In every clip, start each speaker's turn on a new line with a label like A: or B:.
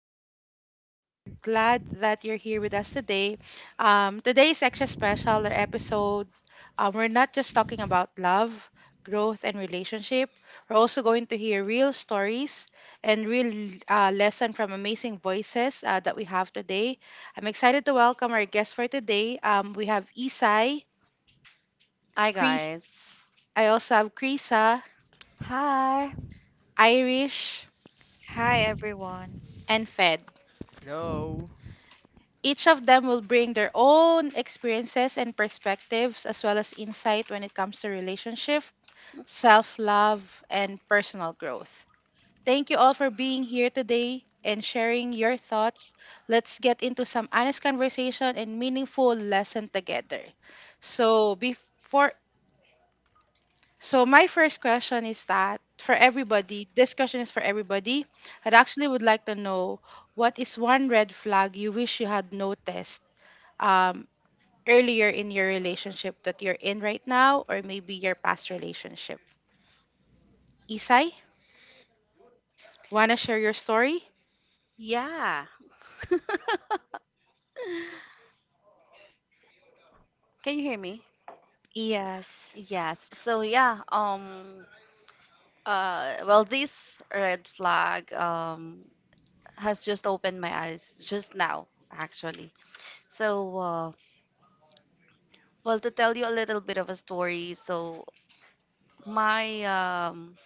A: podcast for today. We're glad that you're here with us today. Today is extra special. Our episode, we're not just talking about love, growth, and relationship. We're also going to hear real stories and real lesson from amazing voices that we have today. I'm excited to welcome our guests for today. We have Isai,
B: Hi
A: Chris.
B: guys.
A: I also have Krisa,
C: Hi.
A: Irish,
D: Hi everyone.
A: and Fed.
E: Hello.
A: Each of them will bring their own experiences and perspectives, as well as insight when it comes to relationship, self love, and personal growth. Thank you all for being here today and sharing your thoughts. Let's get into some honest conversation and meaningful lesson together. So, before so my first question is that for everybody, this question is for everybody. I'd actually would like to know what is one red flag you wish you had noticed um, earlier in your relationship that you're in right now or maybe your past relationship? Isai, wanna share your story?
B: Yeah. Can you hear me?
D: Yes.
B: Yes. So, this red flag has just opened my eyes just now actually. So, to tell you a little bit of a story, so my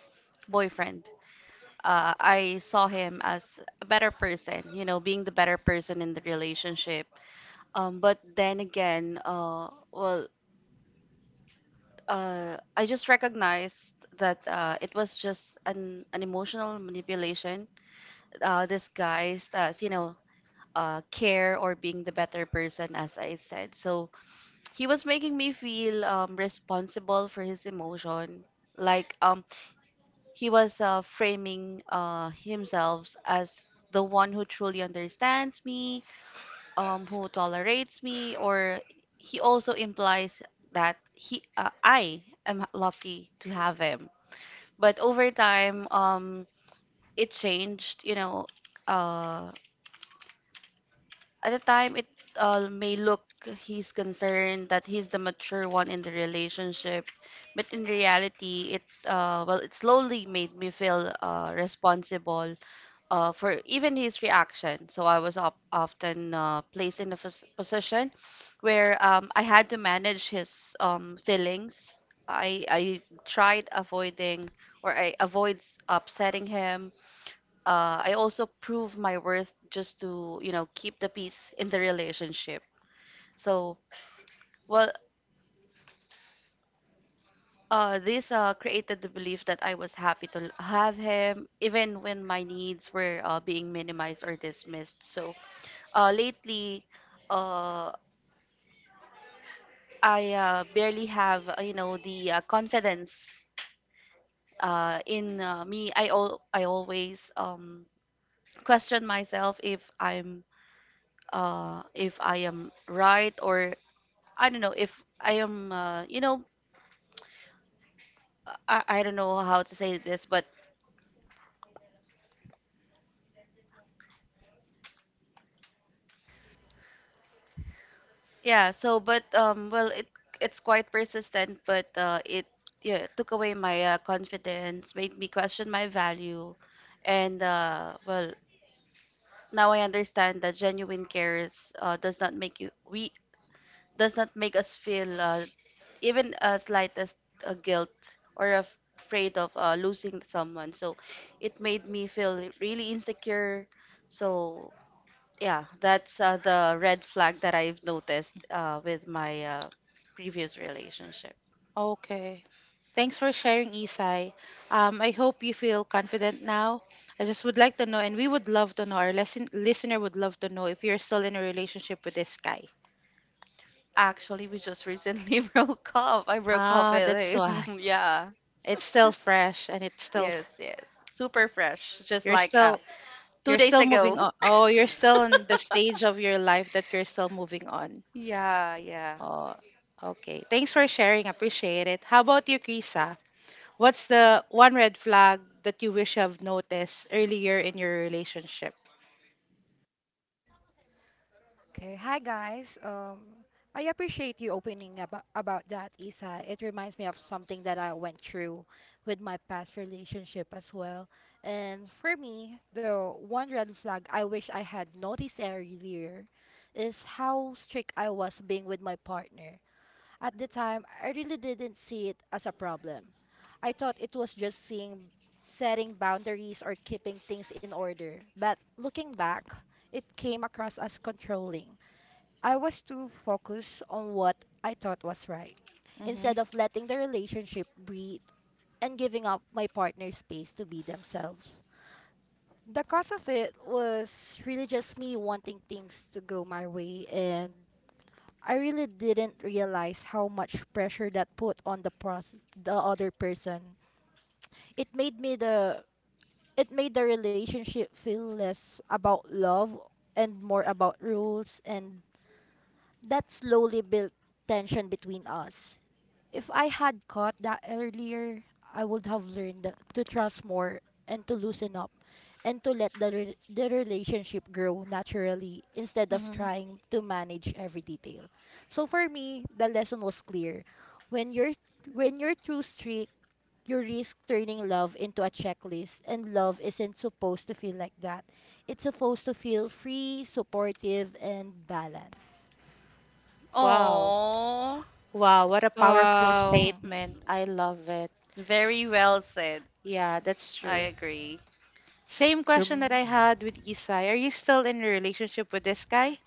B: boyfriend, I saw him as a better person, you know, being the better person in the relationship. But then again, I just recognized that it was just an emotional manipulation, disguised as, you know, care or being the better person, as I said. So he was making me feel responsible for his emotion. Like, he was framing himself as the one who truly understands me, who tolerates me, or he also implies that he I am lucky to have him. But over time, it changed. You know, uh, at the time, it may look he's concerned that he's the mature one in the relationship, but in reality, it slowly made me feel responsible for even his reaction. So I was often placed in a position where, I had to manage his feelings. I tried avoiding, or I avoid upsetting him. I also prove my worth just to, you know, keep the peace in the relationship. So, well, this created the belief that I was happy to have him, even when my needs were being minimized or dismissed. So, lately, uh, I barely have, the confidence in me. I always, question myself if I'm if I am right, or I don't know if I am. I don't know how to say this, but yeah. But it's quite persistent, but it took away my confidence, made me question my value, and now I understand that genuine care is does not make you we does not make us feel even a slightest guilt or afraid of losing someone. So, it made me feel really insecure. So Yeah, that's the red flag that I've noticed with my previous relationship.
A: Okay. Thanks for sharing, Isai. I hope you feel confident now. I just would like to know, and we would love to know, our lesson, listener would love to know if you're still in a relationship with this guy.
B: Actually, we just recently broke up. I broke up
A: Ah, that's
B: with him.
A: why.
B: Yeah.
A: It's still fresh and it's still,
B: Yes, yes. Super fresh, just
A: you're
B: like,
A: still,
B: two
A: you're
B: days
A: still moving
B: ago.
A: on. Oh, you're still in the stage of your life that you're still moving on.
B: Yeah, yeah.
A: Oh, okay. Thanks for sharing. Appreciate it. How about you, Krisa? What's the one red flag that you wish you have noticed earlier in your relationship?
C: Okay. Hi, guys. I appreciate you opening up about that, Isa. It reminds me of something that I went through with my past relationship as well. And for me, the one red flag I wish I had noticed earlier is how strict I was being with my partner. At the time, I really didn't see it as a problem. I thought it was just seeing setting boundaries or keeping things in order. But looking back, it came across as controlling. I was too focused on what I thought was right
A: Mm-hmm.
C: instead of letting the relationship breathe and giving up my partner space to be themselves. The cause of it was really just me wanting things to go my way, and I really didn't realize how much pressure that put on the other person. It made me the it made the relationship feel less about love and more about rules, and that slowly built tension between us. If I had caught that earlier, I would have learned to trust more and to loosen up and to let the relationship grow naturally instead of
A: Mm-hmm.
C: trying to manage every detail. So for me, the lesson was clear. When you're when you're too strict, you risk turning love into a checklist, and love isn't supposed to feel like that. It's supposed to feel free, supportive and balanced.
A: Wow.
B: Oh,
A: Wow. What a powerful
D: Wow.
C: Hmm.
A: statement. I love it.
B: very well said.
A: Yeah, that's
B: I
A: true.
B: agree.
A: Same question that I
E: Um,
A: had with Isai. Are you still in a relationship with this guy?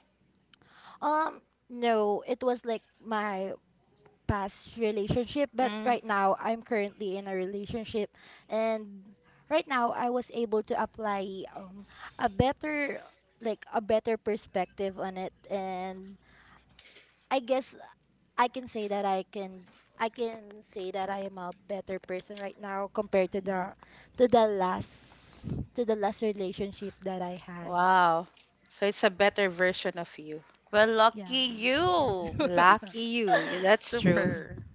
C: Um, no, it was like my past relationship, but
A: Mm-hmm.
C: right now I'm currently in a relationship, and right now I was able to apply a better a better perspective on it. And I guess I can say that I can I can say that I am a better person right now compared to the last to the last relationship that I had.
A: Wow. So it's a better version of you.
B: Well,
C: Yeah.
B: lucky you.
A: Lucky you. Yeah, that's true.
B: Super.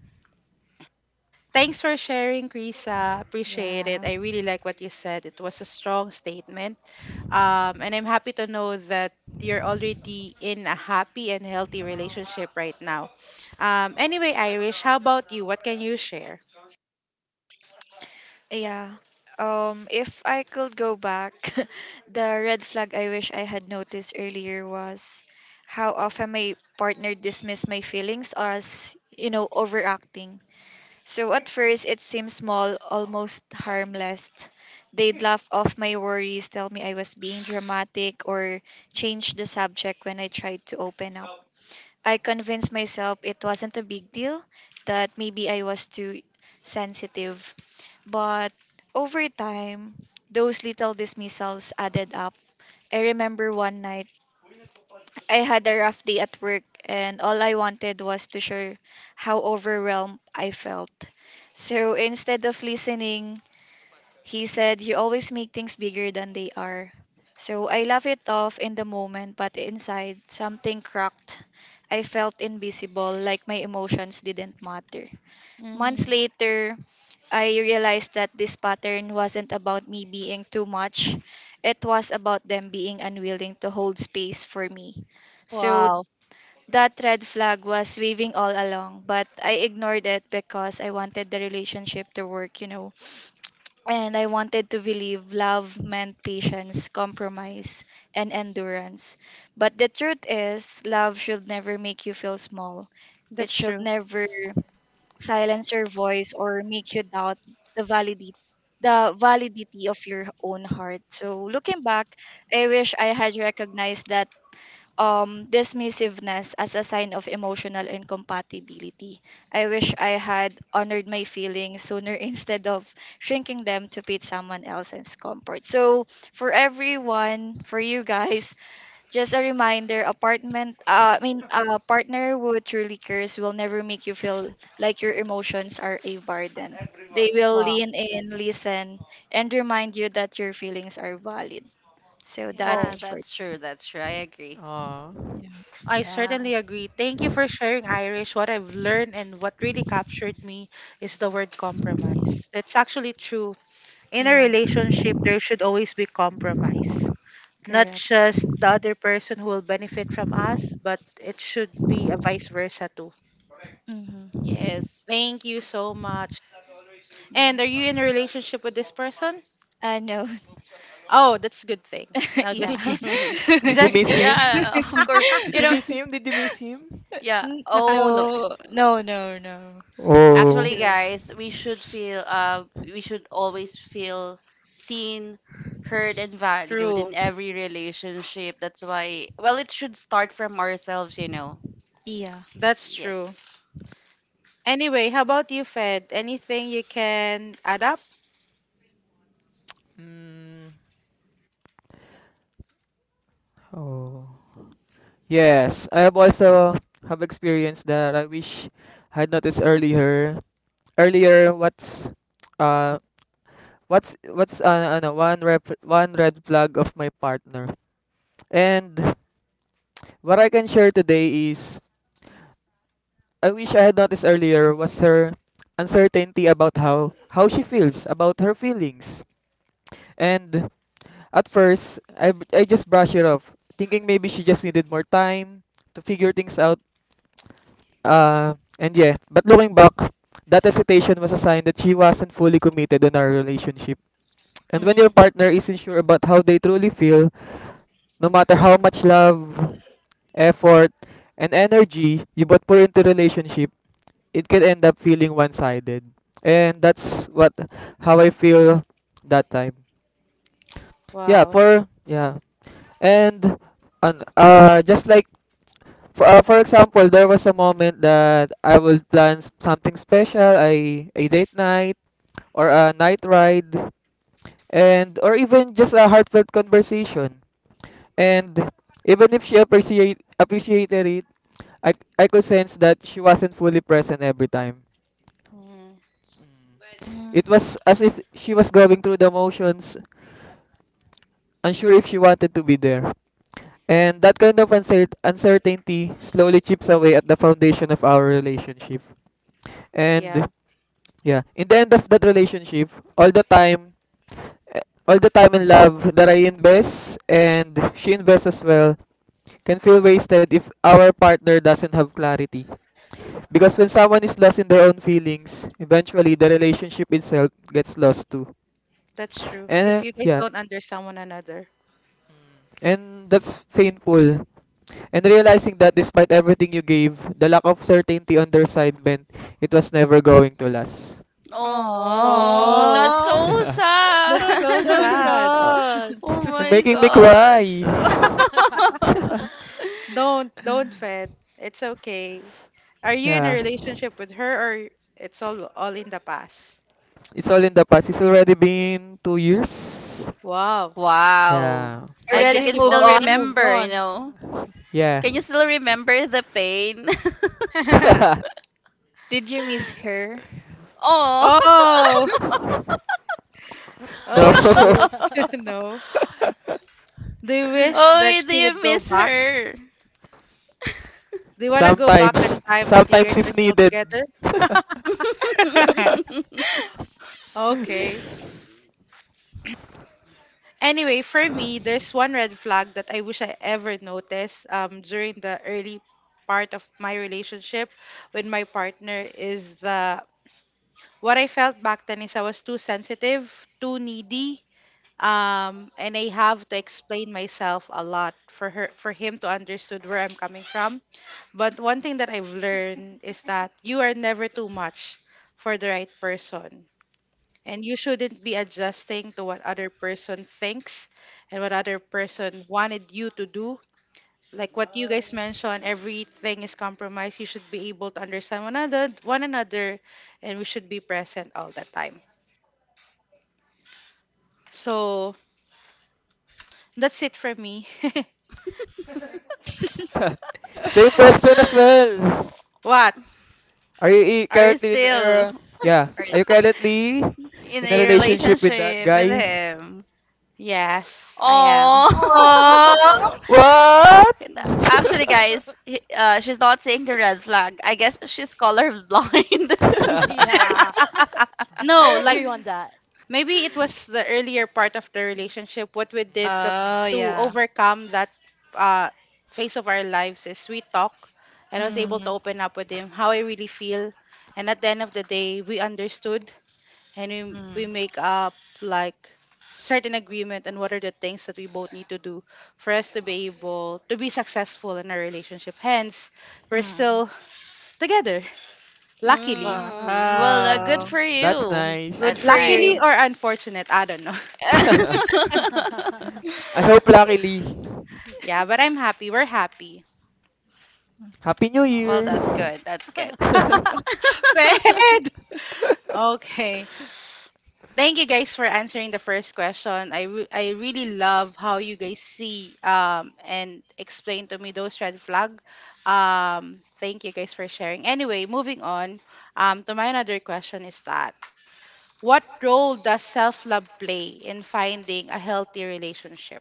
A: Thanks for sharing, Krisa. Appreciate it.
C: Yeah.
A: I really like what you said. It was a strong statement. And I'm happy to know that you're already in a happy and healthy relationship right now. Anyway, Irish, how about you? What can you share?
D: Yeah. If I could go back, the red flag I wish I had noticed earlier was how often my partner dismissed my feelings as, you know, overacting. So at first it seemed small, almost harmless. They'd laugh off my worries, tell me I was being dramatic or change the subject when I tried to open up. I convinced myself it wasn't a big deal, that maybe I was too sensitive. But over time, those little dismissals added up. I remember one night, I had a rough day at work, and all I wanted was to share how overwhelmed I felt. So instead of listening, he said, "You always make things bigger than they are." So I laughed it off in the moment, but inside, something cracked. I felt invisible, like my emotions didn't matter. Months
A: Mm,
D: later, I realized that this pattern wasn't about me being too much, it was about them being unwilling to hold space for me. So
A: wow,
D: that red flag was waving all along, but I ignored it because I wanted the relationship to work, you know. And I wanted to believe love meant patience, compromise, and endurance. But the truth is, love should never make you feel small. It
A: that's
D: should
A: true.
D: never silence your voice or make you doubt the validity the validity of your own heart. So looking back, I wish I had recognized that dismissiveness as a sign of emotional incompatibility. I wish I had honored my feelings sooner instead of shrinking them to fit someone else's comfort. So, for everyone, for you guys, just a reminder: a partner who truly cares will never make you feel like your emotions are a burden. They will
A: Wow.
D: lean in, listen, and remind you that your feelings are valid. So that
B: Yeah,
A: Oh,
D: is for.
B: that's true. That's true. I agree.
E: uh,
D: Yeah.
A: I
C: Yeah.
A: certainly agree. Thank you for sharing, Irish. What I've learned and what really captured me is the word compromise. That's actually true. In a
D: Yeah,
A: relationship, there should always be compromise. Not
D: correct.
A: just the other person who will benefit from us, but it should be a vice versa too.
D: Mm-hmm.
B: Yes.
A: Thank you so much.
D: Yeah.
A: And are you in a relationship with this person?
D: No.
A: Oh, that's a good thing. No, just
D: Yeah.
A: kidding.
E: did you
A: Just
E: miss
A: kidding.
E: him?
B: Yeah, of course.
E: Did
B: You
E: you
B: know,
E: miss him? Did you miss him?
B: yeah. Oh, no.
D: No, no, no, no.
A: That's
B: Actually,
E: Oh,
A: good.
B: guys, we should feel, we should always feel seen, heard and valued
A: True.
B: in every relationship. That's why, it should start from ourselves, you know.
D: Yeah.
A: That's
B: Yes.
A: true. Anyway, how about you, Fed? Anything you can add up?
E: Mm, oh. Yes, I have also have experience that I wish I had noticed earlier. Earlier, what's uh one red flag of my partner. And what I can share today is I wish I had noticed earlier was her uncertainty about how she feels about her feelings. And at first, I just brushed it off, thinking maybe she just needed more time to figure things out. And yeah, but looking back, that hesitation was a sign that she wasn't fully committed in our relationship. And when your
A: Mm,
E: partner isn't sure about how they truly feel, no matter how much love, effort, and energy you both put into relationship, it can end up feeling one-sided. And that's what how I feel that time. Yeah,
A: wow.
E: for yeah. And on just like for example, there was a moment that I will plan something special, a date night or a night ride and or even just a heartfelt conversation. And even if she appreciated it, I could sense that she wasn't fully present every time.
A: Mm,
E: Mm. It was as if she was going through the motions, unsure if she wanted to be there. And that kind of uncertainty slowly chips away at the foundation of our relationship.
A: yeah.
E: And yeah, in the end of that relationship, all the time, eh, all the time and love that I invest and she invests as well can feel wasted if our partner doesn't have clarity. Because when someone is lost in their own feelings, eventually the relationship itself gets lost too.
A: That's true.
E: And
A: If you guys
E: yeah,
A: don't understand one another.
E: Mm. And that's painful. And realizing that despite everything you gave, the lack of certainty on their side meant it was never going to last.
B: Oh,
A: Oh,
B: that's
D: Oh,
B: so
A: that's
D: so
A: so
C: Oh.
D: so
B: sad.
A: sad.
E: Uh,
D: sad.
B: Oh
E: you're
B: my
E: making me
B: gosh.
E: cry.
A: Don't fed. It's okay. Are you in a relationship with her or it's all in the past?
E: It's all in the past. It's already been 2 years.
A: Wow.
B: Wow.
E: Yeah.
A: I
B: But you
D: Already
A: guess
B: can
A: you've
D: move
B: still
D: on.
A: already moved
B: remember, you
A: on.
B: know.
E: Yeah.
B: Can you still remember the pain?
D: Did you miss her?
B: Oh.
A: Oh. Oh
E: No.
A: shoot. No. Do you wish that
B: Oh, do
A: she would
B: you
A: go
B: miss
A: back?
B: her?
A: Do you want to go back in
E: Sometimes.
A: time that you
E: Sometimes
A: guys are
E: if
A: still
E: needed.
A: together? Okay. Anyway, for me, there's one red flag that I wish I ever noticed during the early part of my relationship with my partner is the what I felt back then is I was too sensitive, too needy, and I have to explain myself a lot for her for him to understand where I'm coming from. But one thing that I've learned is that you are never too much for the right person, and you shouldn't be adjusting to what other person thinks and what other person wanted you to do. Like what you guys mentioned, everything is compromised. You should be able to understand one another, and we should be present all the time. So that's it for me.
E: Same question as well.
A: What?
E: Are
B: Are you
E: currently in
B: still
E: yeah? Are you currently
B: in
E: in a
B: a
E: relationship with that
B: relationship with
E: guy?
B: him?
A: Yes, I am.
B: Oh.
D: Oh,
C: Oh.
E: What?
B: Actually, guys, she's not seeing the red flag. I guess she's color blind.
C: Yeah, I
A: No like.
C: agree on that.
A: Maybe it was the earlier part of the relationship. What we did
D: oh
A: to
D: yeah.
A: overcome that uh, phase of our lives is we talk, and I was able to
D: Mm,
A: open up with him how I really feel, and at the end of the day, we understood, and we
D: mm,
A: make up like certain agreement on what are the things that we both need to do for us to be able to be successful in our relationship. Hence, we're
D: mm.
A: still together. Luckily,
E: Ah,
B: Good
D: Wow.
B: for
E: that's
B: you.
D: Good
B: That's
D: for
E: nice.
A: luckily
D: you.
A: or
B: nice.
A: unfortunate, I don't know.
E: I hope luckily.
A: Yeah, but I'm happy. We're happy.
E: Happy New
B: Well,
E: Year.
B: that's good. That's good.
A: Fed. Okay. Thank you guys for answering the first question. I really love how you guys see and explain to me those red flag. Um, thank you guys for sharing. Anyway, moving on. To my another question is that what role does self-love play in finding a healthy relationship?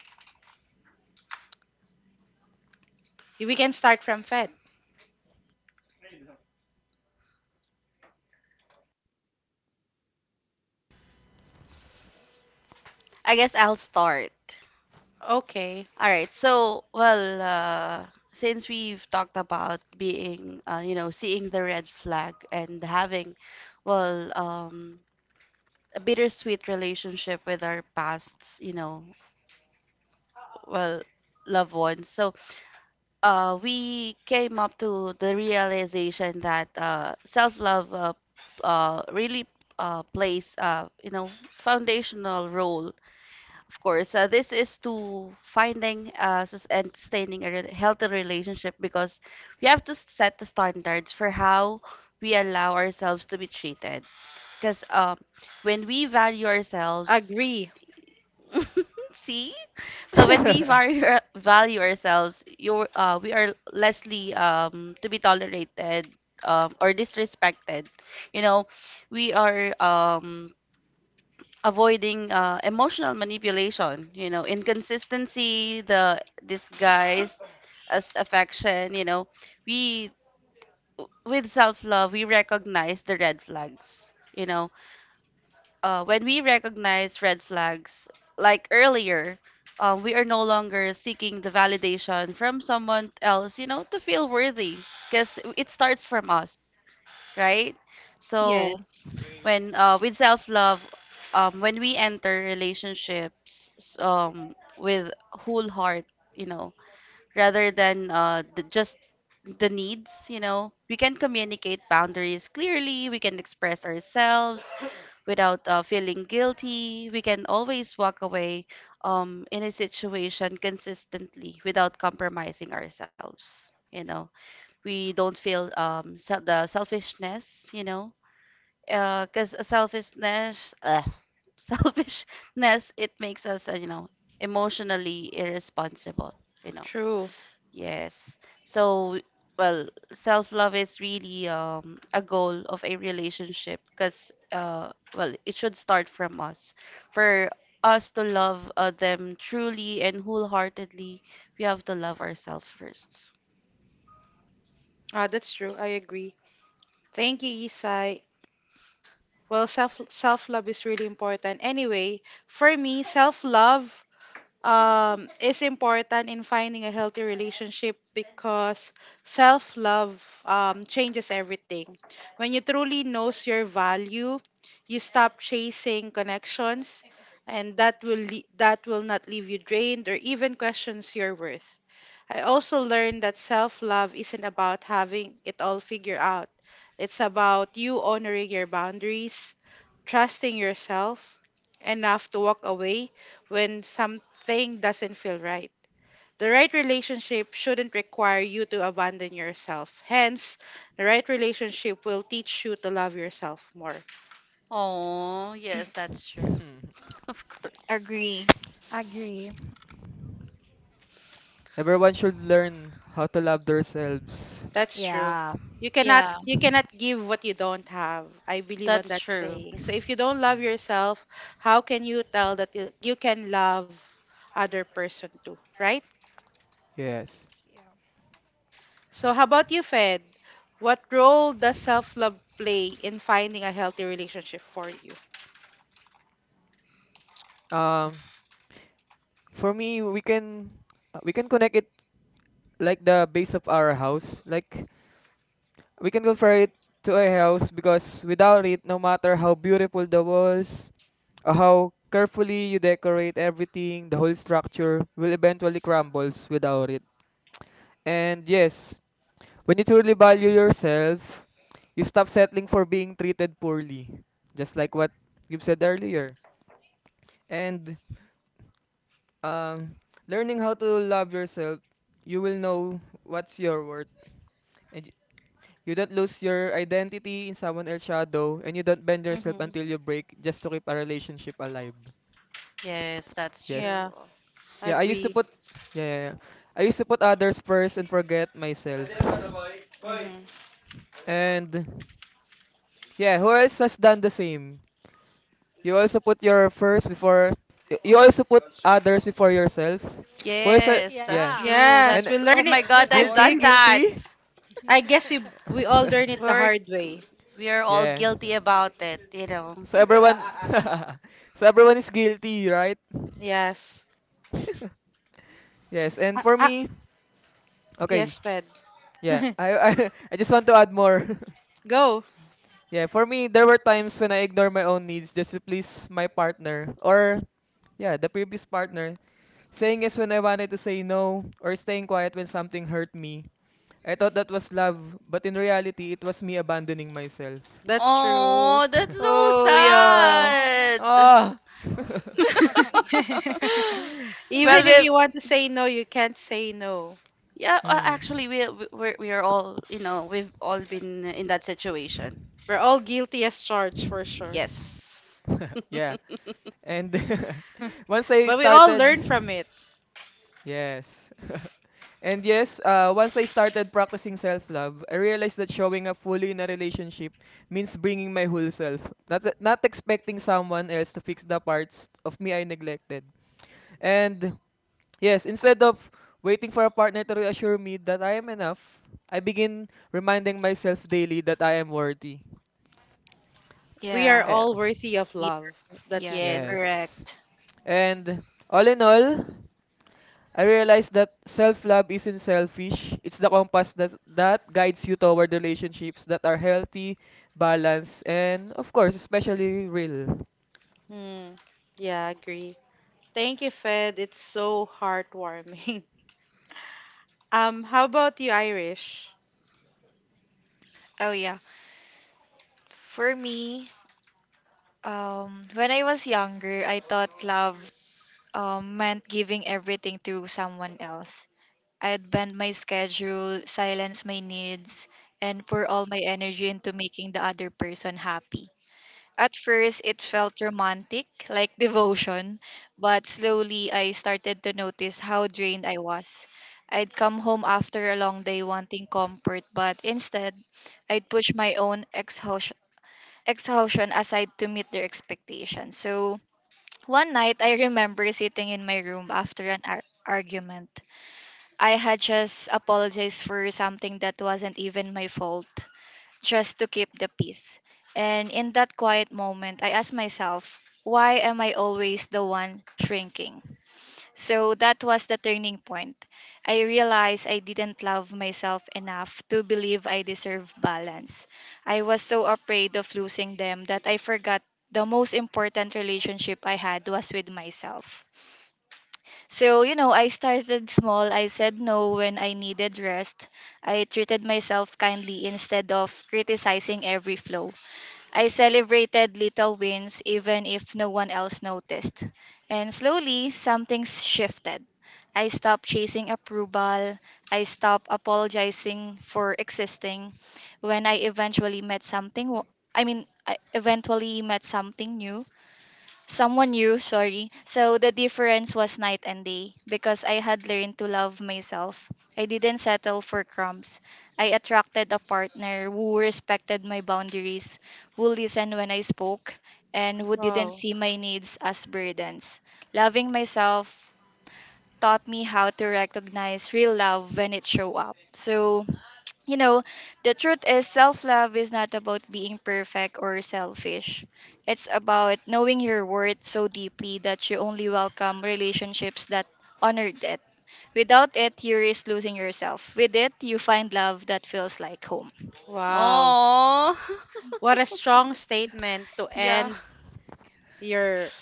A: We can start from Fed.
B: I guess I'll start.
A: Okay.
B: All right. So, since we've talked about being, you know, seeing the red flag and having, well, um, a bittersweet relationship with our pasts, you know, well, loved ones. So, we came up to the realization that self-love really plays, you know, foundational role. Of course, this is to finding and sustaining a healthy relationship, because we have to set the standards for how we allow ourselves to be treated. Because, when we value ourselves
A: Agree.
B: See? So when we value ourselves, we are lessly, to be tolerated, or disrespected. You know, we are avoiding emotional manipulation, you know, inconsistency, the disguise as affection, you know. We, with self-love, we recognize the red flags, you know when we recognize red flags, like earlier, we are no longer seeking the validation from someone else, you know, to feel worthy, because it starts from us, right? So
D: Yes.
B: when with self-love, when we enter relationships, with whole heart, you know, rather than just the needs, you know, we can communicate boundaries clearly, we can express ourselves without feeling guilty. We can always walk away, in a situation consistently without compromising ourselves. You know, we don't feel, the selfishness, you know, because selfishness, it makes us, you know, emotionally irresponsible. You know.
A: True.
B: Yes. So, self-love is really, a goal of a relationship because, it should start from us. For us to love them truly and wholeheartedly, we have to love ourselves first.
A: Ah, that's true. I agree. Thank you, Isai. Well, self love is really important. Anyway, for me, self love is important in finding a healthy relationship because self love changes everything. When you truly knows your value, you stop chasing connections, and that will not leave you drained or even questions your worth. I also learned that self love isn't about having it all figured out. It's about you honoring your boundaries, trusting yourself enough to walk away when something doesn't feel right. The right relationship shouldn't require you to abandon yourself. Hence, the right relationship will teach you to love yourself more.
B: Oh, yes, that's true.
E: Hmm.
B: Of course.
D: Agree.
C: Agree.
E: Everyone should learn how to love themselves.
A: That's true.
C: Yeah.
A: You cannot
D: Yeah.
A: you cannot give what you don't have. I believe on
B: That's
A: that
B: true.
A: saying. So if you don't love
E: Hmm.
A: yourself, how can you tell that you can love other person too, right?
E: Yes.
A: So how about you, Fed? What role does self-love play in finding a healthy relationship for you?
E: Um For me, we can connect it like the base of our house. Like we can compare it to a house because without it, no matter how beautiful the walls, or how carefully you decorate everything, the whole structure will eventually crumbles without it. And yes, when you truly value yourself, you stop settling for being treated poorly, just like what you said earlier. And Um, Learning how to love yourself, you will know what's your worth, and you don't lose your identity in someone else's shadow, and you don't bend yourself
A: Mm-hmm.
E: until you break just to keep a relationship alive.
B: Yes, that's
E: Yes.
A: Yeah,
B: true.
E: Yeah, I used to
A: agree.
E: put, yeah, yeah, yeah. I used to put others first and forget myself.
A: Mm-hmm.
E: And yeah, who else has done the same? You also put your first before, you also put others before yourself. Who else?
B: Yes, that's
E: Yeah.
C: Yeah.
B: true.
A: Yes,
E: And
A: we
B: That's, oh
A: learn it.
B: my God,
A: I,
B: I've
E: guilty,
C: Before?
B: done that.
E: guilty.
A: I guess we all learn it the
B: We're
A: hard way.
B: we are all
E: Yeah.
B: guilty about it, you know.
E: So everyone, so everyone is guilty, right?
A: Yes.
E: Yes. And
A: Ah,
E: for
A: ah,
E: me, okay,
A: yes, Fed.
E: yeah. I just want to add more.
A: Go.
E: Yeah. For me, there were times when I ignored my own needs just to please my partner or yeah, the previous partner. Saying yes when I wanted to say no or staying quiet when something hurt me. I thought that was love, but in reality, it was me abandoning myself.
A: That's true.
B: Oh, that's so
D: Oh yeah.
B: sad.
C: Oh.
E: Ah.
B: Well,
A: Even if
B: we've
A: you want to say no, you can't say no.
B: yeah, a-
E: Mm.
B: actually we we're- we are all, you know, we've all been in that situation.
A: We're all guilty as charged for sure.
B: Yes.
E: Yeah. And once I
A: But we all
E: started,
A: learn from it.
E: yes. And yes, once I started practicing self-love, I realized that showing up fully in a relationship means bringing my whole self, not expecting someone else to fix the parts of me I neglected. And yes, instead of waiting for a partner to reassure me that I am enough, I begin reminding myself daily that I am worthy.
A: We are
D: Yeah.
E: Eh,
A: all worthy of
D: Ye-
A: love. That's
D: Yes,
A: true.
B: Yes.
E: yes.
D: correct.
E: And all in all, I realized that self-love isn't selfish. It's the compass that guides you toward relationships that are healthy, balanced, and of course, especially real.
A: Hmm. Yeah, I agree. Thank you, Fed. It's so heartwarming. How about you, Irish?
D: Oh yeah. For me, when I was younger, I thought love meant giving everything to someone else. I'd bend my schedule, silence my needs, and pour all my energy into making the other person happy. At first, it felt romantic, like devotion, but slowly I started to notice how drained I was. I'd come home after a long day wanting comfort, but instead, I'd push my own exhaustion aside to meet their expectations. So, one night, I remember sitting in my room after an argument. I had just apologized for something that wasn't even my fault just to keep the peace. And in that quiet moment, I asked myself, why am I always the one shrinking? So that was the turning point. I realized I didn't love myself enough to believe I deserve balance. I was so afraid of losing them that I forgot the most important relationship I had was with myself. So, you know, I started small. I said no when I needed rest. I treated myself kindly instead of criticizing every flaw. I celebrated little wins even if no one else noticed. And slowly, something shifted. I stopped chasing approval. I stopped apologizing for existing. When I eventually met something, wa- I mean, I eventually met something new. Someone new, sorry. So the difference was night and day because I had learned to love myself. I didn't settle for crumbs. I attracted a partner who respected my boundaries, who listened when I spoke, and who didn't
A: Wow.
D: see my needs as burdens. Loving myself taught me how to recognize real love when it show up. So, you know, the truth is self love is not about being perfect or selfish. It's about knowing your worth so deeply that you only welcome relationships that honor it. Without it, you risk losing yourself. With it, you find love that feels like home.
A: Wow.
B: Oh.
A: What a strong statement to
B: Yeah.
A: end your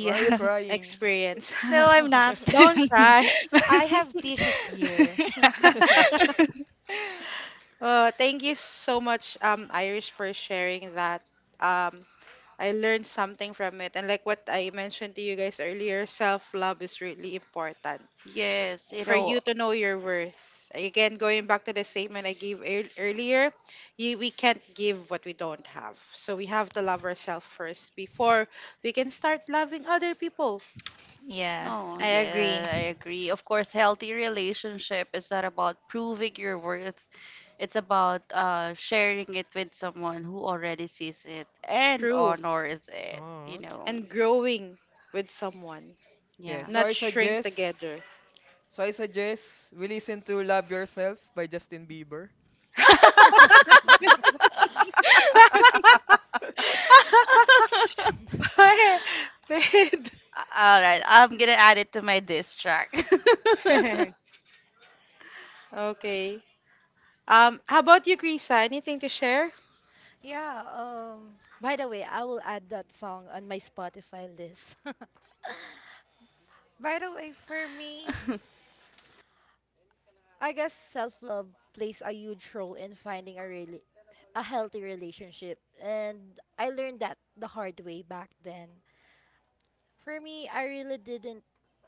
E: Why are you crying?
A: experience.
D: No, I'm not.
A: Don't cry.
C: I have tissues here.
A: Thank you so much, Irish, for sharing that. Um, I learned something from it, and like what I mentioned to you guys earlier, self-love is really important
B: Yes, you
A: for
B: know.
A: you to know your worth. Again, going back to the statement I gave earlier, we can't give what we don't have. So we have to love ourselves first before we can start loving other people.
D: Yeah,
B: Oh,
D: I agree.
B: yeah, I agree. Of course, healthy relationship is not about proving your worth. It's about sharing it with someone who already sees it and
A: True.
B: honors it, you
E: Oh.
B: know.
A: And growing with someone,
E: Yeah,
B: Yeah.
A: not shrink together.
E: so I suggest we listen to Love Yourself by Justin Bieber.
B: All right, I'm gonna add it to my diss track.
A: Okay. How about you, Krisa? Anything to share?
C: Yeah, by the way, I will add that song on my Spotify list. By the way, for me, I guess self love plays a huge role in finding a healthy relationship, and I learned that the hard way back then. For me, I really didn't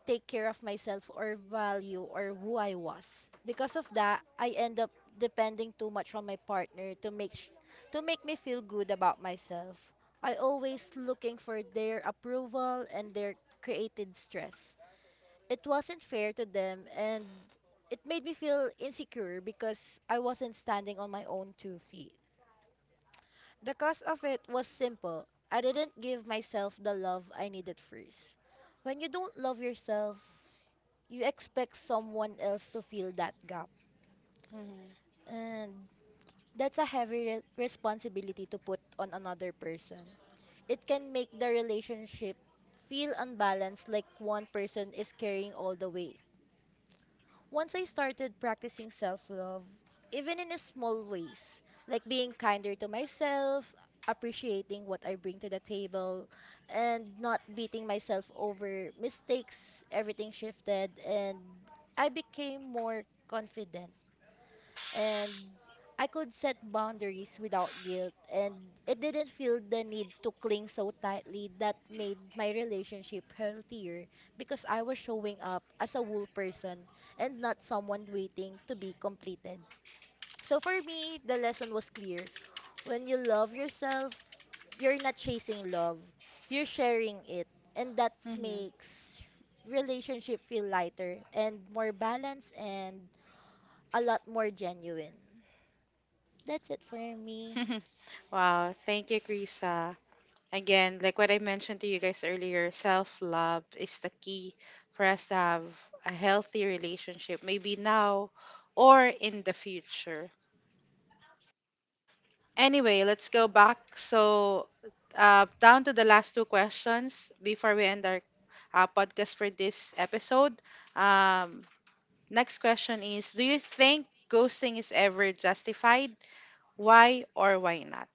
C: take care of myself or value or who I was. Because of that, I end up depending too much on my partner to to make me feel good about myself. I always looking for their approval and their created stress. It wasn't fair to them, and it made me feel insecure because I wasn't standing on my own two feet. The cause of it was simple. I didn't give myself the love I needed first. When you don't love yourself, you expect someone else to fill that gap.
A: Hmm.
C: And that's a heavy responsibility to put on another person. It can make the relationship feel unbalanced, like one person is carrying all the weight. Once I started practicing self love, even in a small ways, like being kinder to myself, appreciating what I bring to the table, and not beating myself over mistakes, everything shifted, and I became more confident, and I could set boundaries without guilt, and it didn't feel the need to cling so tightly. That made my relationship healthier because I was showing up as a whole person and not someone waiting to be completed. So for me, the lesson was clear. When you love yourself, you're not chasing love. You're sharing it, and that
A: Mm-hmm.
C: makes relationship feel lighter and more balanced and a lot more genuine. That's it for me.
A: Wow. Thank you, Krisa. Again, like what I mentioned to you guys earlier, self love is the key for us to have a healthy relationship, maybe now or in the future. Anyway, let's go back. So, down to the last two questions before we end our podcast for this episode. Um, Next question is: do you think ghosting is ever justified? Why or why not?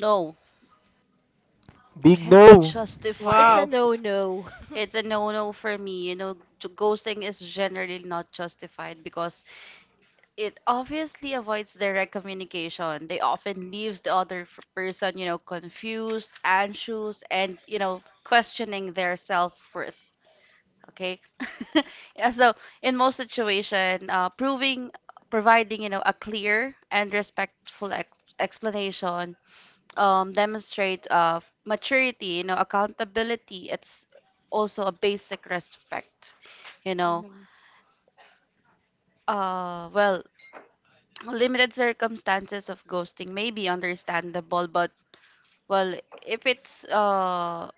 B: No,
E: Big
B: can't be
E: no.
C: It's
B: justified.
C: a
A: Wow.
C: no-no.
B: It's a no-no for me. You know, ghosting is generally not justified because it obviously avoids direct communication. They often leaves the other person, you know, confused, anxious, and, you know, questioning their self-worth. Okay. Yeah. So in most situation, providing, you know, a clear and respectful ex explanation, demonstrate, maturity, you know, accountability. It's also a basic respect, you know.
A: Mhm,
B: Uh, well, Limited circumstances of ghosting may be understandable, but, well, if it's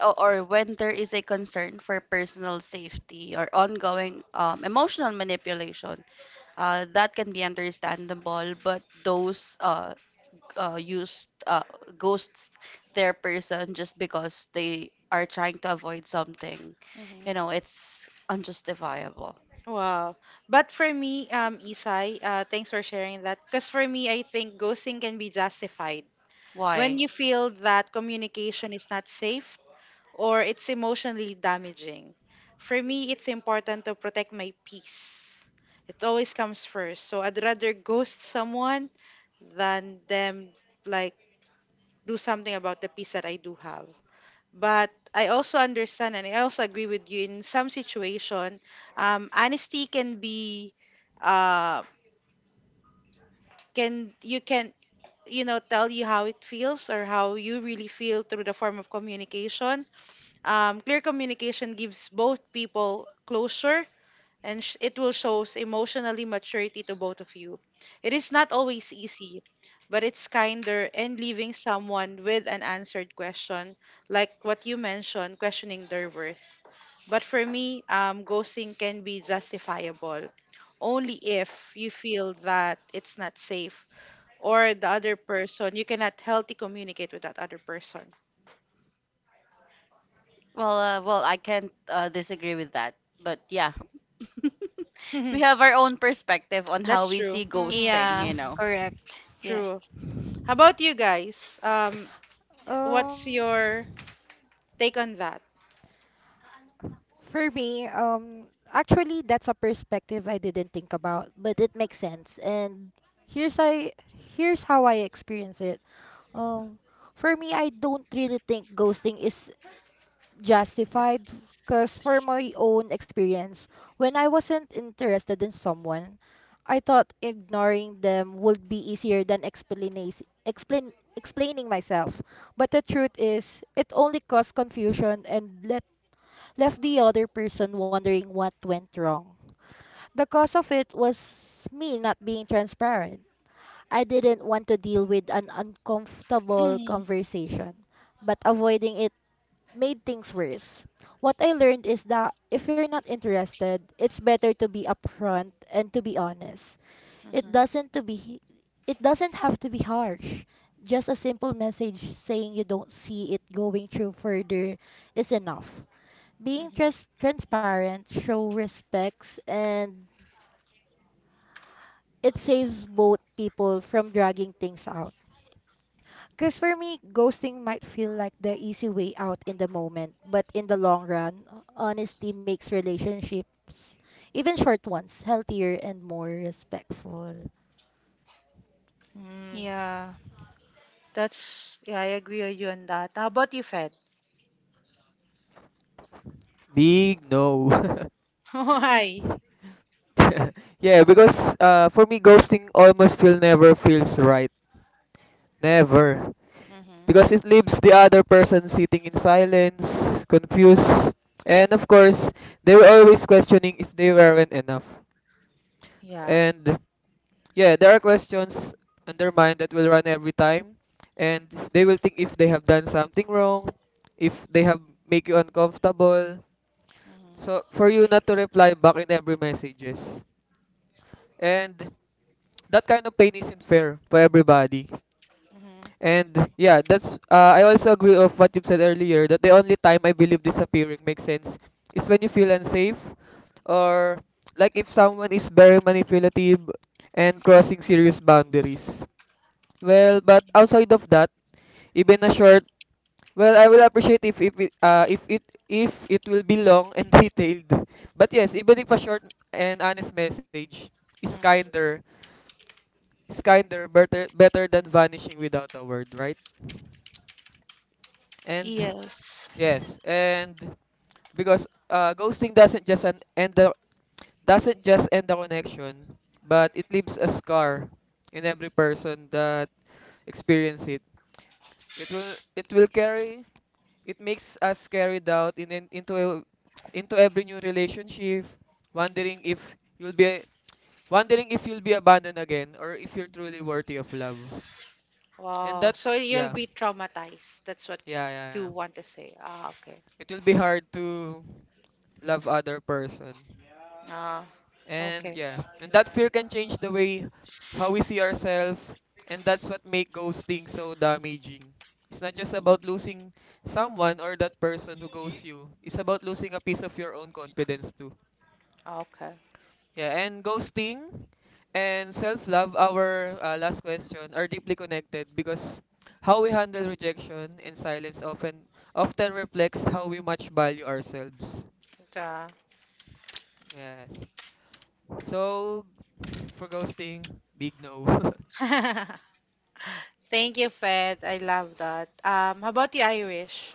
B: o- or when there is a concern for personal safety or ongoing, emotional manipulation, that can be understandable. But those, use ghosts their person just because they are trying to avoid something. You
A: mhm.
B: know, it's unjustifiable.
A: Wow. But for me, Isai, thanks for sharing that. Because for me, I think ghosting can be justified
B: Why?
A: when you feel that communication is not safe or it's emotionally damaging. For me, it's important to protect my peace. It always comes first. So I'd rather ghost someone than them like do something about the peace that I do have. But I also understand, and I also agree with you, in some situation, honesty uh, can you know tell you how it feels or how you really feel through the form of communication. Clear communication gives both people closure, and it will shows emotionally maturity to both of you. It is not always easy, but it's kinder, and leaving someone with an answered question, like what you mentioned, questioning their worth. But for me, ghosting can be justifiable only if you feel that it's not safe, or the other person, you cannot healthy communicate with that other person.
B: Well, I can't disagree with that. But yeah, we have our own perspective on how
A: That's
B: we
A: true.
B: see ghosting. You
D: Yeah,
C: Mm-hmm.
B: know,
D: correct. Yes.
A: True. How about you guys?
C: Um,
A: What's your take on that.
C: Actually, that's a perspective I didn't think about, but it makes sense. And here's I, here's how I experience it. Um, for me, I don't really think ghosting is justified because for my own experience, when I wasn't interested in someone, I thought ignoring them would be easier than explaining myself. But the truth is, it only caused confusion and left the other person wondering what went wrong. The cause of it was me not being transparent. I didn't want to deal with an uncomfortable
A: Mm-hmm.
C: conversation, but avoiding it made things worse. What I learned is that if you're not interested, it's better to be upfront and to be honest. It doesn't to be it doesn't have to be harsh. Just a simple message saying you don't see it going through further is enough. Being transparent show respects, and it saves both people from dragging things out. Because for me, ghosting might feel like the easy way out in the moment, but in the long run, honesty makes relationships, even short ones, healthier and more respectful.
A: Mm.
D: Yeah.
A: That's yeah, I agree with you on that. How about you, Fed?
E: Big no.
A: Why?
E: Yeah, because for me ghosting almost feel never feels right. Never.
A: Mm-hmm.
E: Because it leaves the other person sitting in silence, confused, and of course, they were always questioning if they weren't enough.
A: Yeah.
E: And yeah, there are questions on their mind that will run every time, and they will think if they have done something wrong, if they have make you uncomfortable.
A: Mm-hmm.
E: So for you not to reply back in every messages, and that kind of pain isn't fair for everybody.
A: Mm-hmm.
E: And yeah, that's I also agree of what you've said earlier that the only time I believe disappearing makes sense is when you feel unsafe or like if someone is very manipulative and crossing serious boundaries. Well, but outside of that, even a short well I will appreciate if if it will be long and detailed, but yes, even if a short and honest message is
A: Mm.
E: kinder is kinder, better than vanishing without a word, right? And
D: Yes.
E: yes, and because ghosting doesn't just an end the doesn't just end the connection, but it leaves a scar in every person that experience it. It will carry, it makes us carry doubt in into into every new relationship, wondering if you'll be wondering if you'll be abandoned again or if you're truly worthy of love. And
A: Wow.
E: that
A: So you'll
E: yeah.
A: be traumatized. That's what
E: Yeah, yeah,
A: you
E: yeah.
A: want to say. Ah, okay.
E: it will be hard to love other person.
A: Ah,
E: And
A: okay.
E: yeah, and that fear can change the way how we see ourselves, and that's what make ghosting so damaging. It's not just
A: Mm,
E: about losing someone or that person who ghosts you. It's about losing a piece of your own confidence too.
A: okay.
E: Yeah, and ghosting and self-love, our last question, are deeply connected because how we handle rejection and silence often reflects how we much value ourselves.
A: Duh.
E: Yes. So for ghosting, big no.
A: Thank you, Fed. I love that. How about the Irish?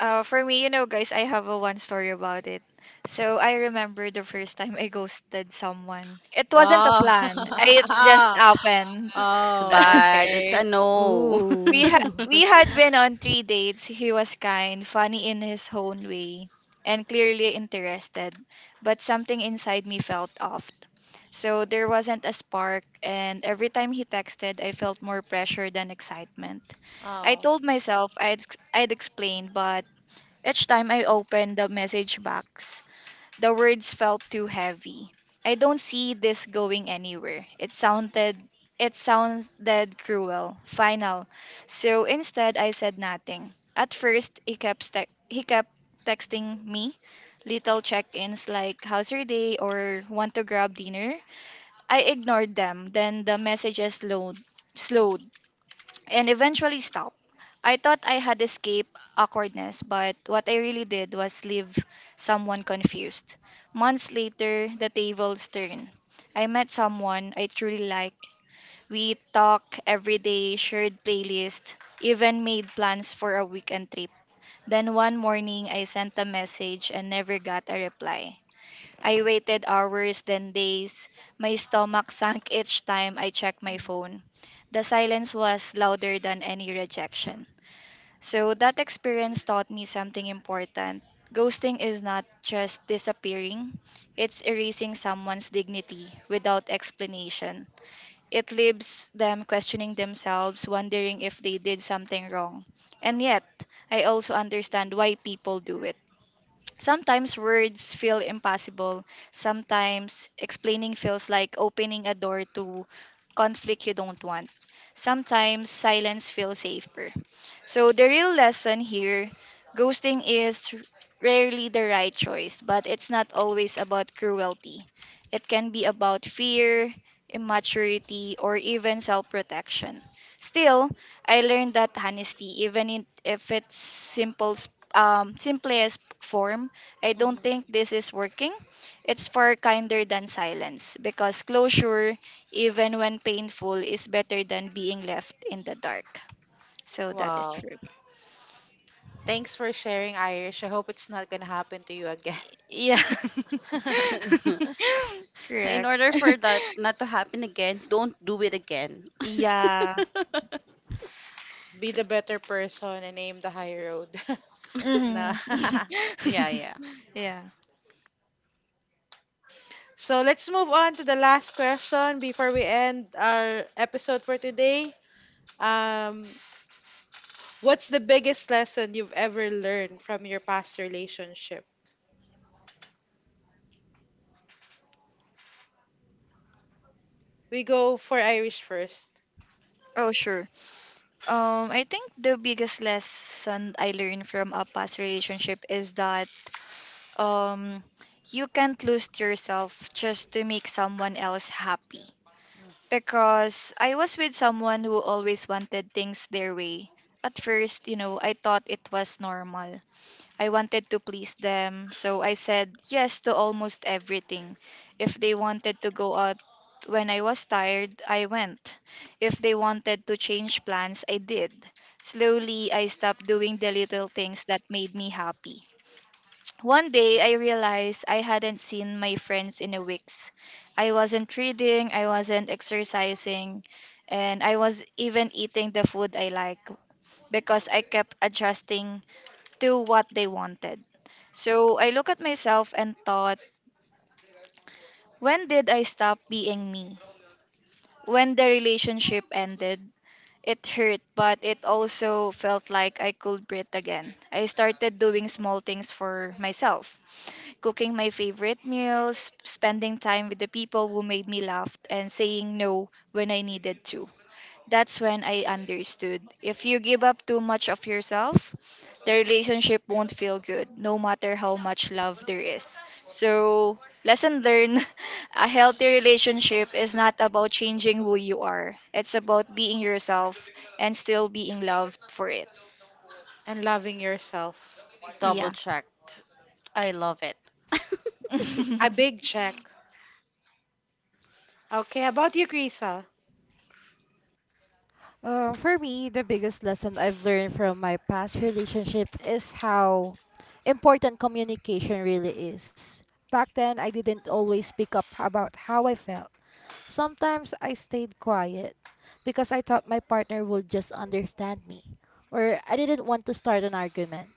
D: For me, you know, guys, I have a one story about it. So I remember the first time I ghosted someone. It wasn't a
A: Wow.
D: plan. I, it's just happened.
B: that's
A: Oh,
B: bad. It's
A: okay.
B: a no.
D: we had
C: Ooh.
D: we had been on 3 dates. He was kind, funny in his own way, and clearly interested. But something inside me felt off. So there wasn't a spark, and every time he texted, I felt more pressure than excitement. I
A: Oh.
D: told myself I'd, ex- I'd explain, but each time I opened the message box, the words felt too heavy. "I don't see this going anywhere." It sounded cruel, final. So instead I said nothing. At first he kept texting me little check-ins like "how's your day?" or "want to grab dinner?" I ignored them. Then the messages slowed and eventually stop. I thought I had escaped awkwardness, but what I really did was leave someone confused. Months later, the tables turned. I met someone I truly liked. We talked every day, shared playlists, even made plans for a weekend trip. Then one morning, I sent a message and never got a reply. I waited hours, then days. My stomach sank each time I checked my phone. The silence was louder than any rejection. So that experience taught me something important. Ghosting is not just disappearing, it's erasing someone's dignity without explanation. It leaves them questioning themselves, wondering if they did something wrong. And yet, I also understand why people do it. Sometimes words feel impossible. Sometimes explaining feels like opening a door to conflict you don't want. Sometimes silence feels safer. So, the real lesson here: ghosting is rarely the right choice, but it's not always about cruelty. It can be about fear, immaturity, or even self protection. Still, I learned that honesty, even if it's simplest form, "I don't think this is working," it's far kinder than silence because closure, even when painful, is better than being left in the dark. So that is
A: Wow.
D: true.
A: Thanks for sharing, Irish. I hope it's not going to happen to you again.
D: Yeah.
B: In
D: Correct.
B: order for that not to happen again, don't do it again.
D: Yeah.
A: Be the
D: Cor-
A: better person and aim the high road. Nah.
D: Mhm.
B: Yeah, yeah.
D: Yeah.
A: So let's move on to the last question before we end our episode for today. Um, what's the biggest lesson you've ever learned from your past relationship? We go for Irish first
D: Oh, sure. I think the biggest lesson I learned from a past relationship is that um you can't lose yourself just to make someone else happy because I was with someone who always wanted things their way. At first, you know, I thought it was normal. I wanted to please them, so I said yes to almost everything. If they wanted to go out when I was tired, I went. If they wanted to change plans, I did. Slowly, I stopped doing the little things that made me happy. One day, I realized I hadn't seen my friends in a weeks. I wasn't reading, I wasn't exercising, and I was even eating the food I like because I kept adjusting to what they wanted. So I looked at myself and thought, when did I stop being me? When the relationship ended, it hurt, but it also felt like I could breathe again. I started doing small things for myself: cooking my favorite meals, spending time with the people who made me laugh, and saying no when I needed to. That's when I understood. If you give up too much of yourself, the relationship won't feel good, no matter how much love there is. So, lesson learned: a healthy relationship is not about changing who you are, it's about being yourself and still being loved for it.
A: and loving yourself.
B: Double
D: Yeah.
B: checked. I love it.
A: A big check. Okay, how about you, Krisa?
C: For me, the biggest lesson I've learned from my past relationship is how important communication really is. Back then, I didn't always speak up about how I felt. Sometimes I stayed quiet because I thought my partner would just understand me, or I didn't want to start an argument.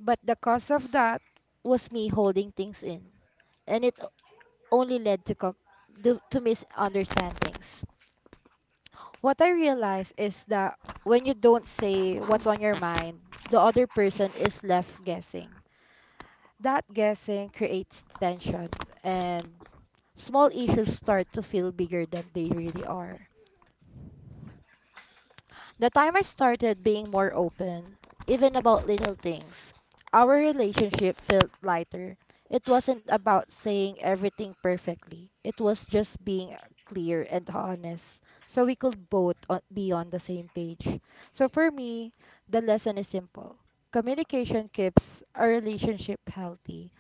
C: But the cause of that was me holding things in, and it only led to to misunderstandings. What I realized is that when you don't say what's on your mind, the other person is left guessing. That guessing creates tension, and small issues start to feel bigger than they really are. The timer started being more open, even about little things. Our relationship felt lighter. It wasn't about saying everything perfectly, it was just being clear and honest so we could be on the same page. So for me, the lesson is simple. Communication keeps a relationship healthy.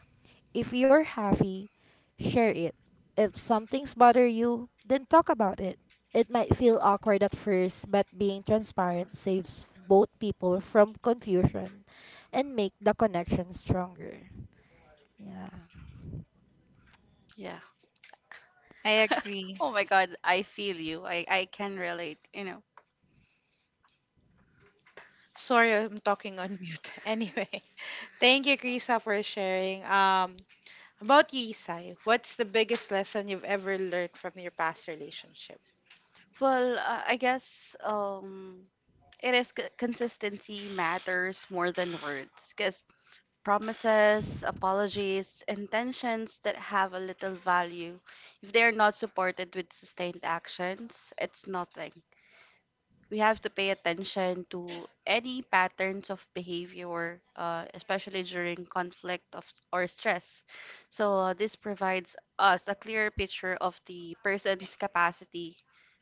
C: If you're happy, share it. If something's bother you, then talk about it. It might feel awkward at first, but being transparent saves both people from confusion and make the connection stronger. Yeah.
B: Yeah.
D: I agree.
B: Oh my God, I feel you. I can relate, you know.
A: Sorry, I'm talking on mute. Anyway. Thank you, Krisa, for sharing. About you, Isai, what's the biggest lesson you've ever learned from your past relationship?
B: Well, I guess, it is c consistency matters more than words, because promises, apologies, intentions that have a little value, if they are not supported with sustained actions, it's nothing. We have to pay attention to any patterns of behavior, especially during conflict of, or stress. So, this provides us a clearer picture of the person's capacity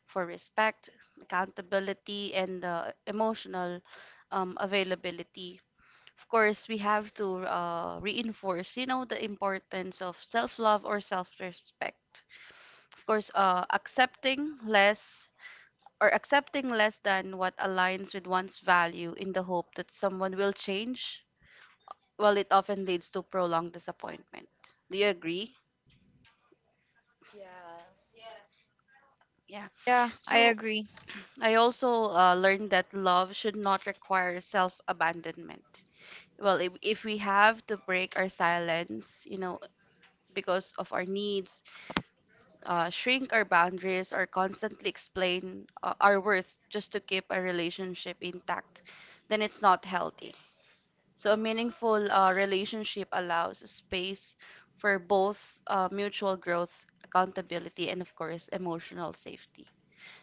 B: for respect, accountability, and, emotional, availability. Of course, we have to reinforce, you know, the importance of self-love or self-respect. Of course, accepting less than what aligns with one's value, in the hope that someone will change, well, it often leads to prolonged disappointment. Do you agree? Yeah.
D: Yeah, I
B: So
D: agree.
B: I also learned that love should not require self-abandonment. Well, if we have to break our silence, you know, because of our needs, shrink our boundaries or constantly explain, our worth just to keep a relationship intact, then it's not healthy. So, a meaningful relationship allows space for both, mutual growth, accountability, and of course, emotional safety.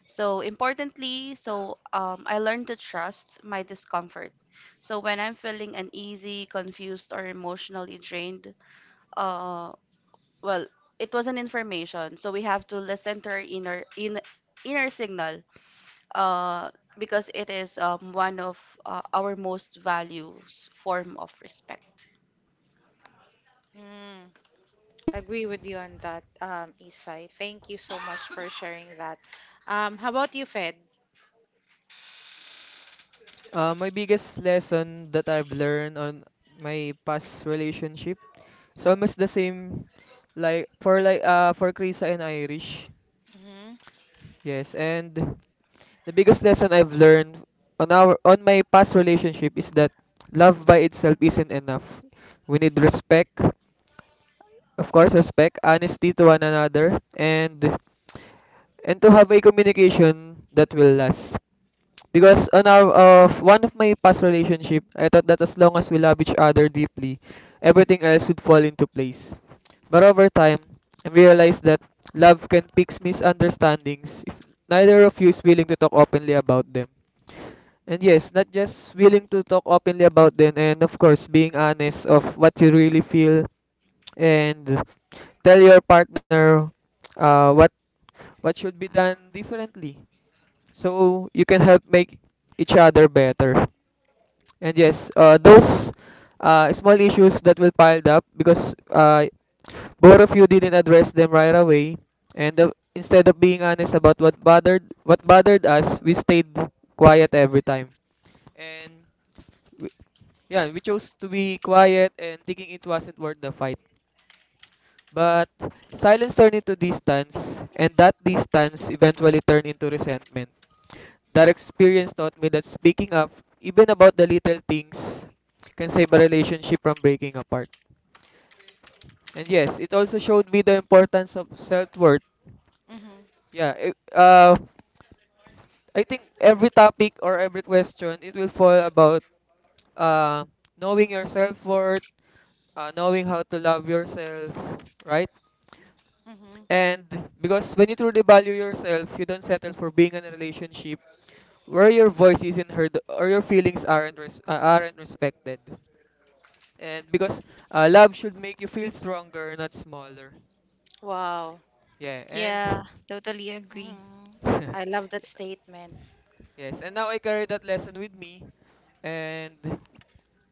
B: So, importantly, I learned to trust my discomfort. So, when I'm feeling uneasy, confused, or emotionally drained, uh, well, it was an information, so we have to listen to our inner signal, uh, because it is, one of our most values form of respect.
A: Mm, agree with you on that, Isai. Thank you so much for sharing that. How about you, Fed?
E: my biggest lesson that I've learned on my past relationship is almost the same like for Krisa and Irish.
A: Mm-hmm,
E: Yes, and the biggest lesson I've learned on our on my past relationship is that love by itself isn't enough. We need respect, of course, respect, honesty to one another, and to have a communication that will last. Because on our one of my past relationship, I thought that as long as we love each other deeply, everything else would fall into place. But over time, I realized that love can fix misunderstandings if neither of you is willing to talk openly about them. And yes, not just willing to talk openly about them, and of course, being honest of what you really feel, and tell your partner uh, what what should be done differently, so you can help make each other better. And yes, those small issues that will piled up because both of you didn't address them right away, and instead of being honest about what bothered us, we stayed quiet every time. And w- yeah, we chose to be quiet and thinking it wasn't worth the fight. But silence turned into distance, and that distance eventually turned into resentment. That experience taught me that speaking up, even about the little things, can save a relationship from breaking apart. And yes, it also showed me the importance of self worth.
A: mm-hmm,
E: Yeah, it, uh, I think every topic or every question, it will fall about uh, knowing your self worth, knowing how to love yourself, right?
A: mm-hmm.
E: And because when you truly value yourself, you don't settle for being in a relationship where your voice isn't heard or your feelings aren't respected. And because love should make you feel stronger, not smaller.
A: Wow,
E: Yeah, and
D: Yeah, totally agree.
C: Mm-hmm.
A: I love that statement.
E: yes, and now I carry that lesson with me. And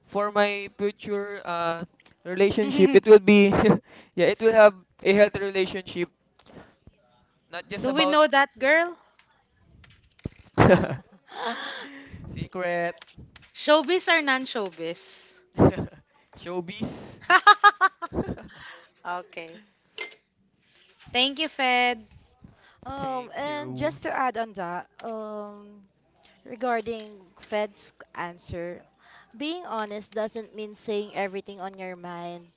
E: for my future relationship,
A: Do
E: it will be, yeah, it will have a healthy relationship, not just
A: we
E: about
A: know that girl?
E: secret,
A: Showbiz or non-showbiz?
E: showbiz.
A: okay. Thank you, Fed.
E: Thank
C: And
E: you.
C: just to add on that, regarding Fed's answer, being honest doesn't mean saying everything on your mind.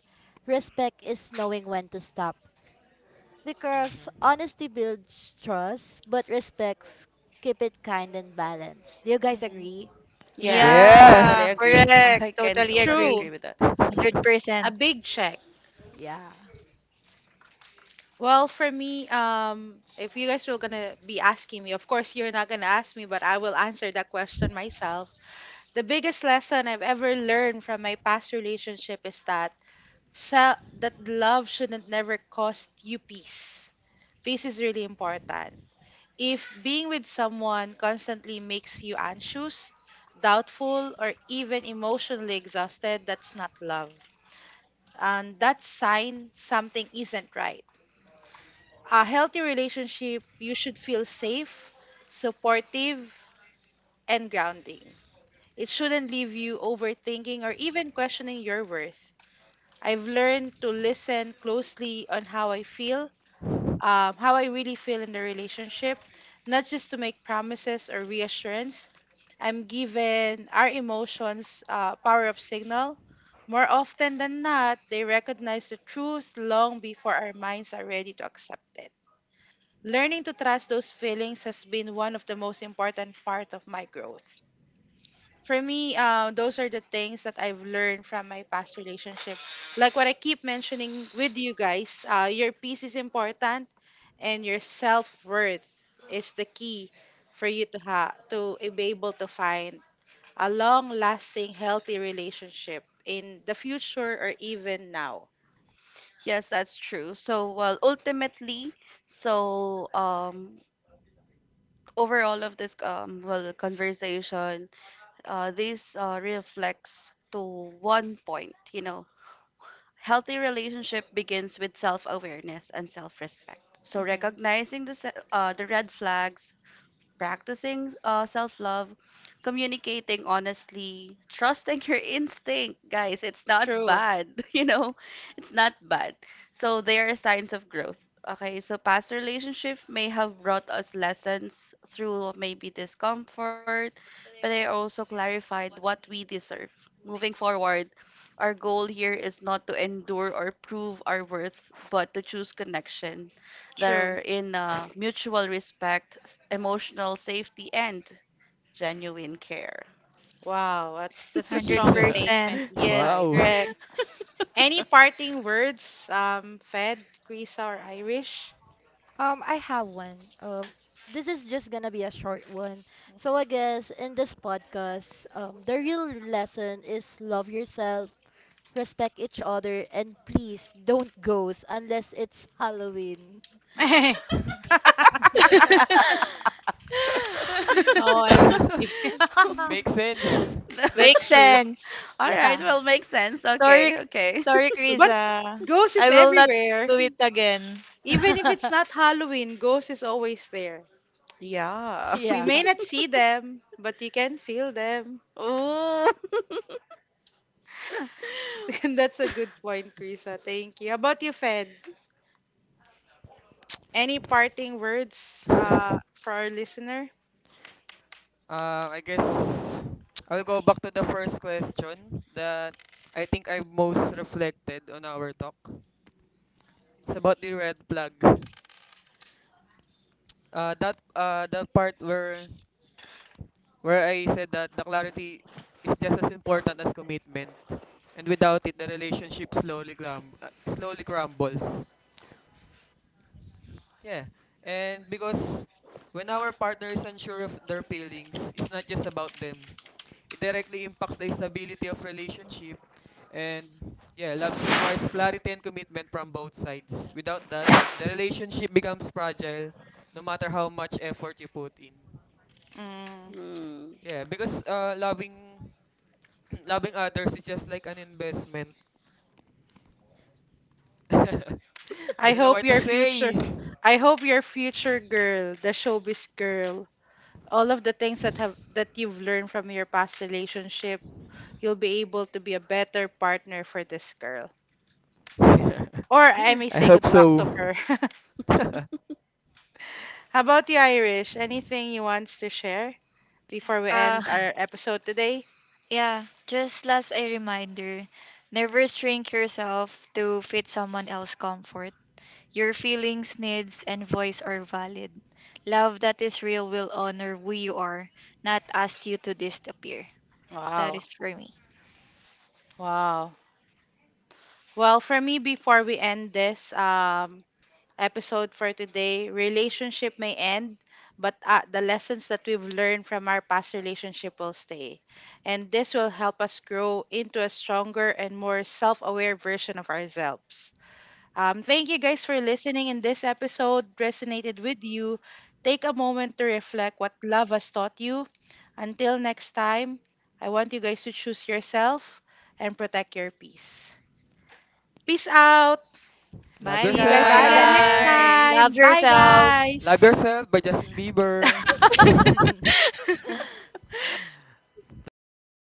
C: Respect is knowing when to stop. Because
E: Hmm.
C: honesty builds trust, but respects keep it kind and balanced. Do you guys
A: Mhm.
C: agree?
B: Yeah,
A: Yes,
B: that's
E: Yeah!
B: totally
D: Yeah,
C: Mm,
B: agree.
D: correct.
B: I can
D: Totally
B: totally
D: agree.
A: true.
B: agree with that.
A: A
D: 100%.
A: big check.
C: yeah.
A: Well, for me, if you guys were gonna be asking me, of course you're not gonna ask me, but I will answer that question myself. The biggest lesson I've ever learned from my past relationship is that that love shouldn't never cost you peace. Peace is really important. If being with someone constantly makes you anxious, doubtful, or even emotionally exhausted, that's not love. And that sign something isn't right. A healthy relationship, you should feel safe, supportive, and grounding. It shouldn't leave you overthinking or even questioning your worth. I've learned to listen closely on how I feel, how I really feel in the relationship, not just to make promises or reassurance. I'm given our emotions power of signal. More often than not, they recognize the truth long before our minds are ready to accept it. Learning to trust those feelings has been one of the most important part of my growth. For me, those are the things that I've learned from my past relationship. Like what I keep mentioning with you guys, your peace is important, and your self worth is the key for you to ha to be able to find a long lasting healthy relationship in the future or even now.
B: Yes, that's true. So, ultimately, so um, overall of this, conversation, this reflects to one point, you know. Healthy relationship begins with self awareness and self respect. So
A: Mhm.
B: recognizing the, red flags, practicing, self love, communicating honestly, trusting your instinct. Guys, it's not
A: True,
B: bad. You know, it's not bad. So there are signs of growth. Okay, so past relationship may have brought us lessons through maybe discomfort, but they also clarified what we deserve. Moving forward, our goal here is not to endure or prove our worth, but to choose connection that are
A: true.
B: in, mutual respect, emotional safety, and genuine care.
A: Wow, that's a strong statement,
D: 100%. Yes,
A: Isai.
E: Wow.
D: correct.
A: Any parting words, Fed, Krisa, or Irish?
C: I have one. This is just gonna be a short one. So I guess in this podcast, the real lesson is love yourself, respect each other, and please don't ghost unless it's Halloween.
A: OMG.
E: Makes sense.
B: No.
D: Makes
A: That's true.
D: sense.
B: All right,
C: Yeah.
B: well, makes sense.
D: Sorry,
B: Okay, okay.
D: sorry,
A: But
D: Krisa.
A: ghost is
D: I will not
A: everywhere.
D: do it again.
A: Even if it's not Halloween, ghost is always there.
B: Yeah.
A: We
C: Yeah.
A: may not see them, but you can feel them.
B: Ooh.
A: And that's a good point, Krisa. Thank you. How about you, Fed? Any parting words for our listener?
E: Um, I guess I'll go back to the first question that I think I most reflected on our talk. It's about the red flag. That the part where I said that the clarity is just as important as commitment, and without it, the relationship slowly crumbles. Yeah. And because when our partner is unsure of their feelings, it's not just about them. It directly impacts the stability of relationship. And yeah, love requires clarity and commitment from both sides. Without that, the relationship becomes fragile no matter how much effort you put in.
A: Mm.
B: Hmm.
E: Yeah, because loving loving others is just like an investment. I
A: I
E: don't know
A: hope
E: what to
A: your future
E: say.
A: I hope your future girl, the showbiz girl, all of the things that you've learned from your past relationship, you'll be able to be a better partner for this girl. Or I may
E: I
A: say
E: hope
A: good luck to
E: so.
A: her. How about you, Irish? Anything you wants to share before we
D: Uh,
A: end our episode today?
D: yeah, just last a reminder, never shrink yourself to fit someone else's comfort. Your feelings, needs, and voice are valid. Love that is real will honor who you are, not ask you to disappear. That
A: Wow.
D: is for me.
A: Wow. Well, for me, before we end this, episode for today. Relationship may end, but the lessons that we've learned from our past relationship will stay. And this will help us grow into a stronger and more self aware version of ourselves. Thank you guys for listening. In this episode resonated with you. Take a moment to reflect what love has taught you. Until next time, I want you guys to choose yourself and protect your peace. Peace out.
E: Love
D: Bye,
A: See you guys
B: Bye,
C: Bye
E: yourself.
A: again next
D: guys.
B: guys.
D: Love
A: time. Bye,
C: guys.
D: yourself.
E: Love
A: guys.
E: yourself by Justin Bieber.
C: Mhm.
E: Don't forget.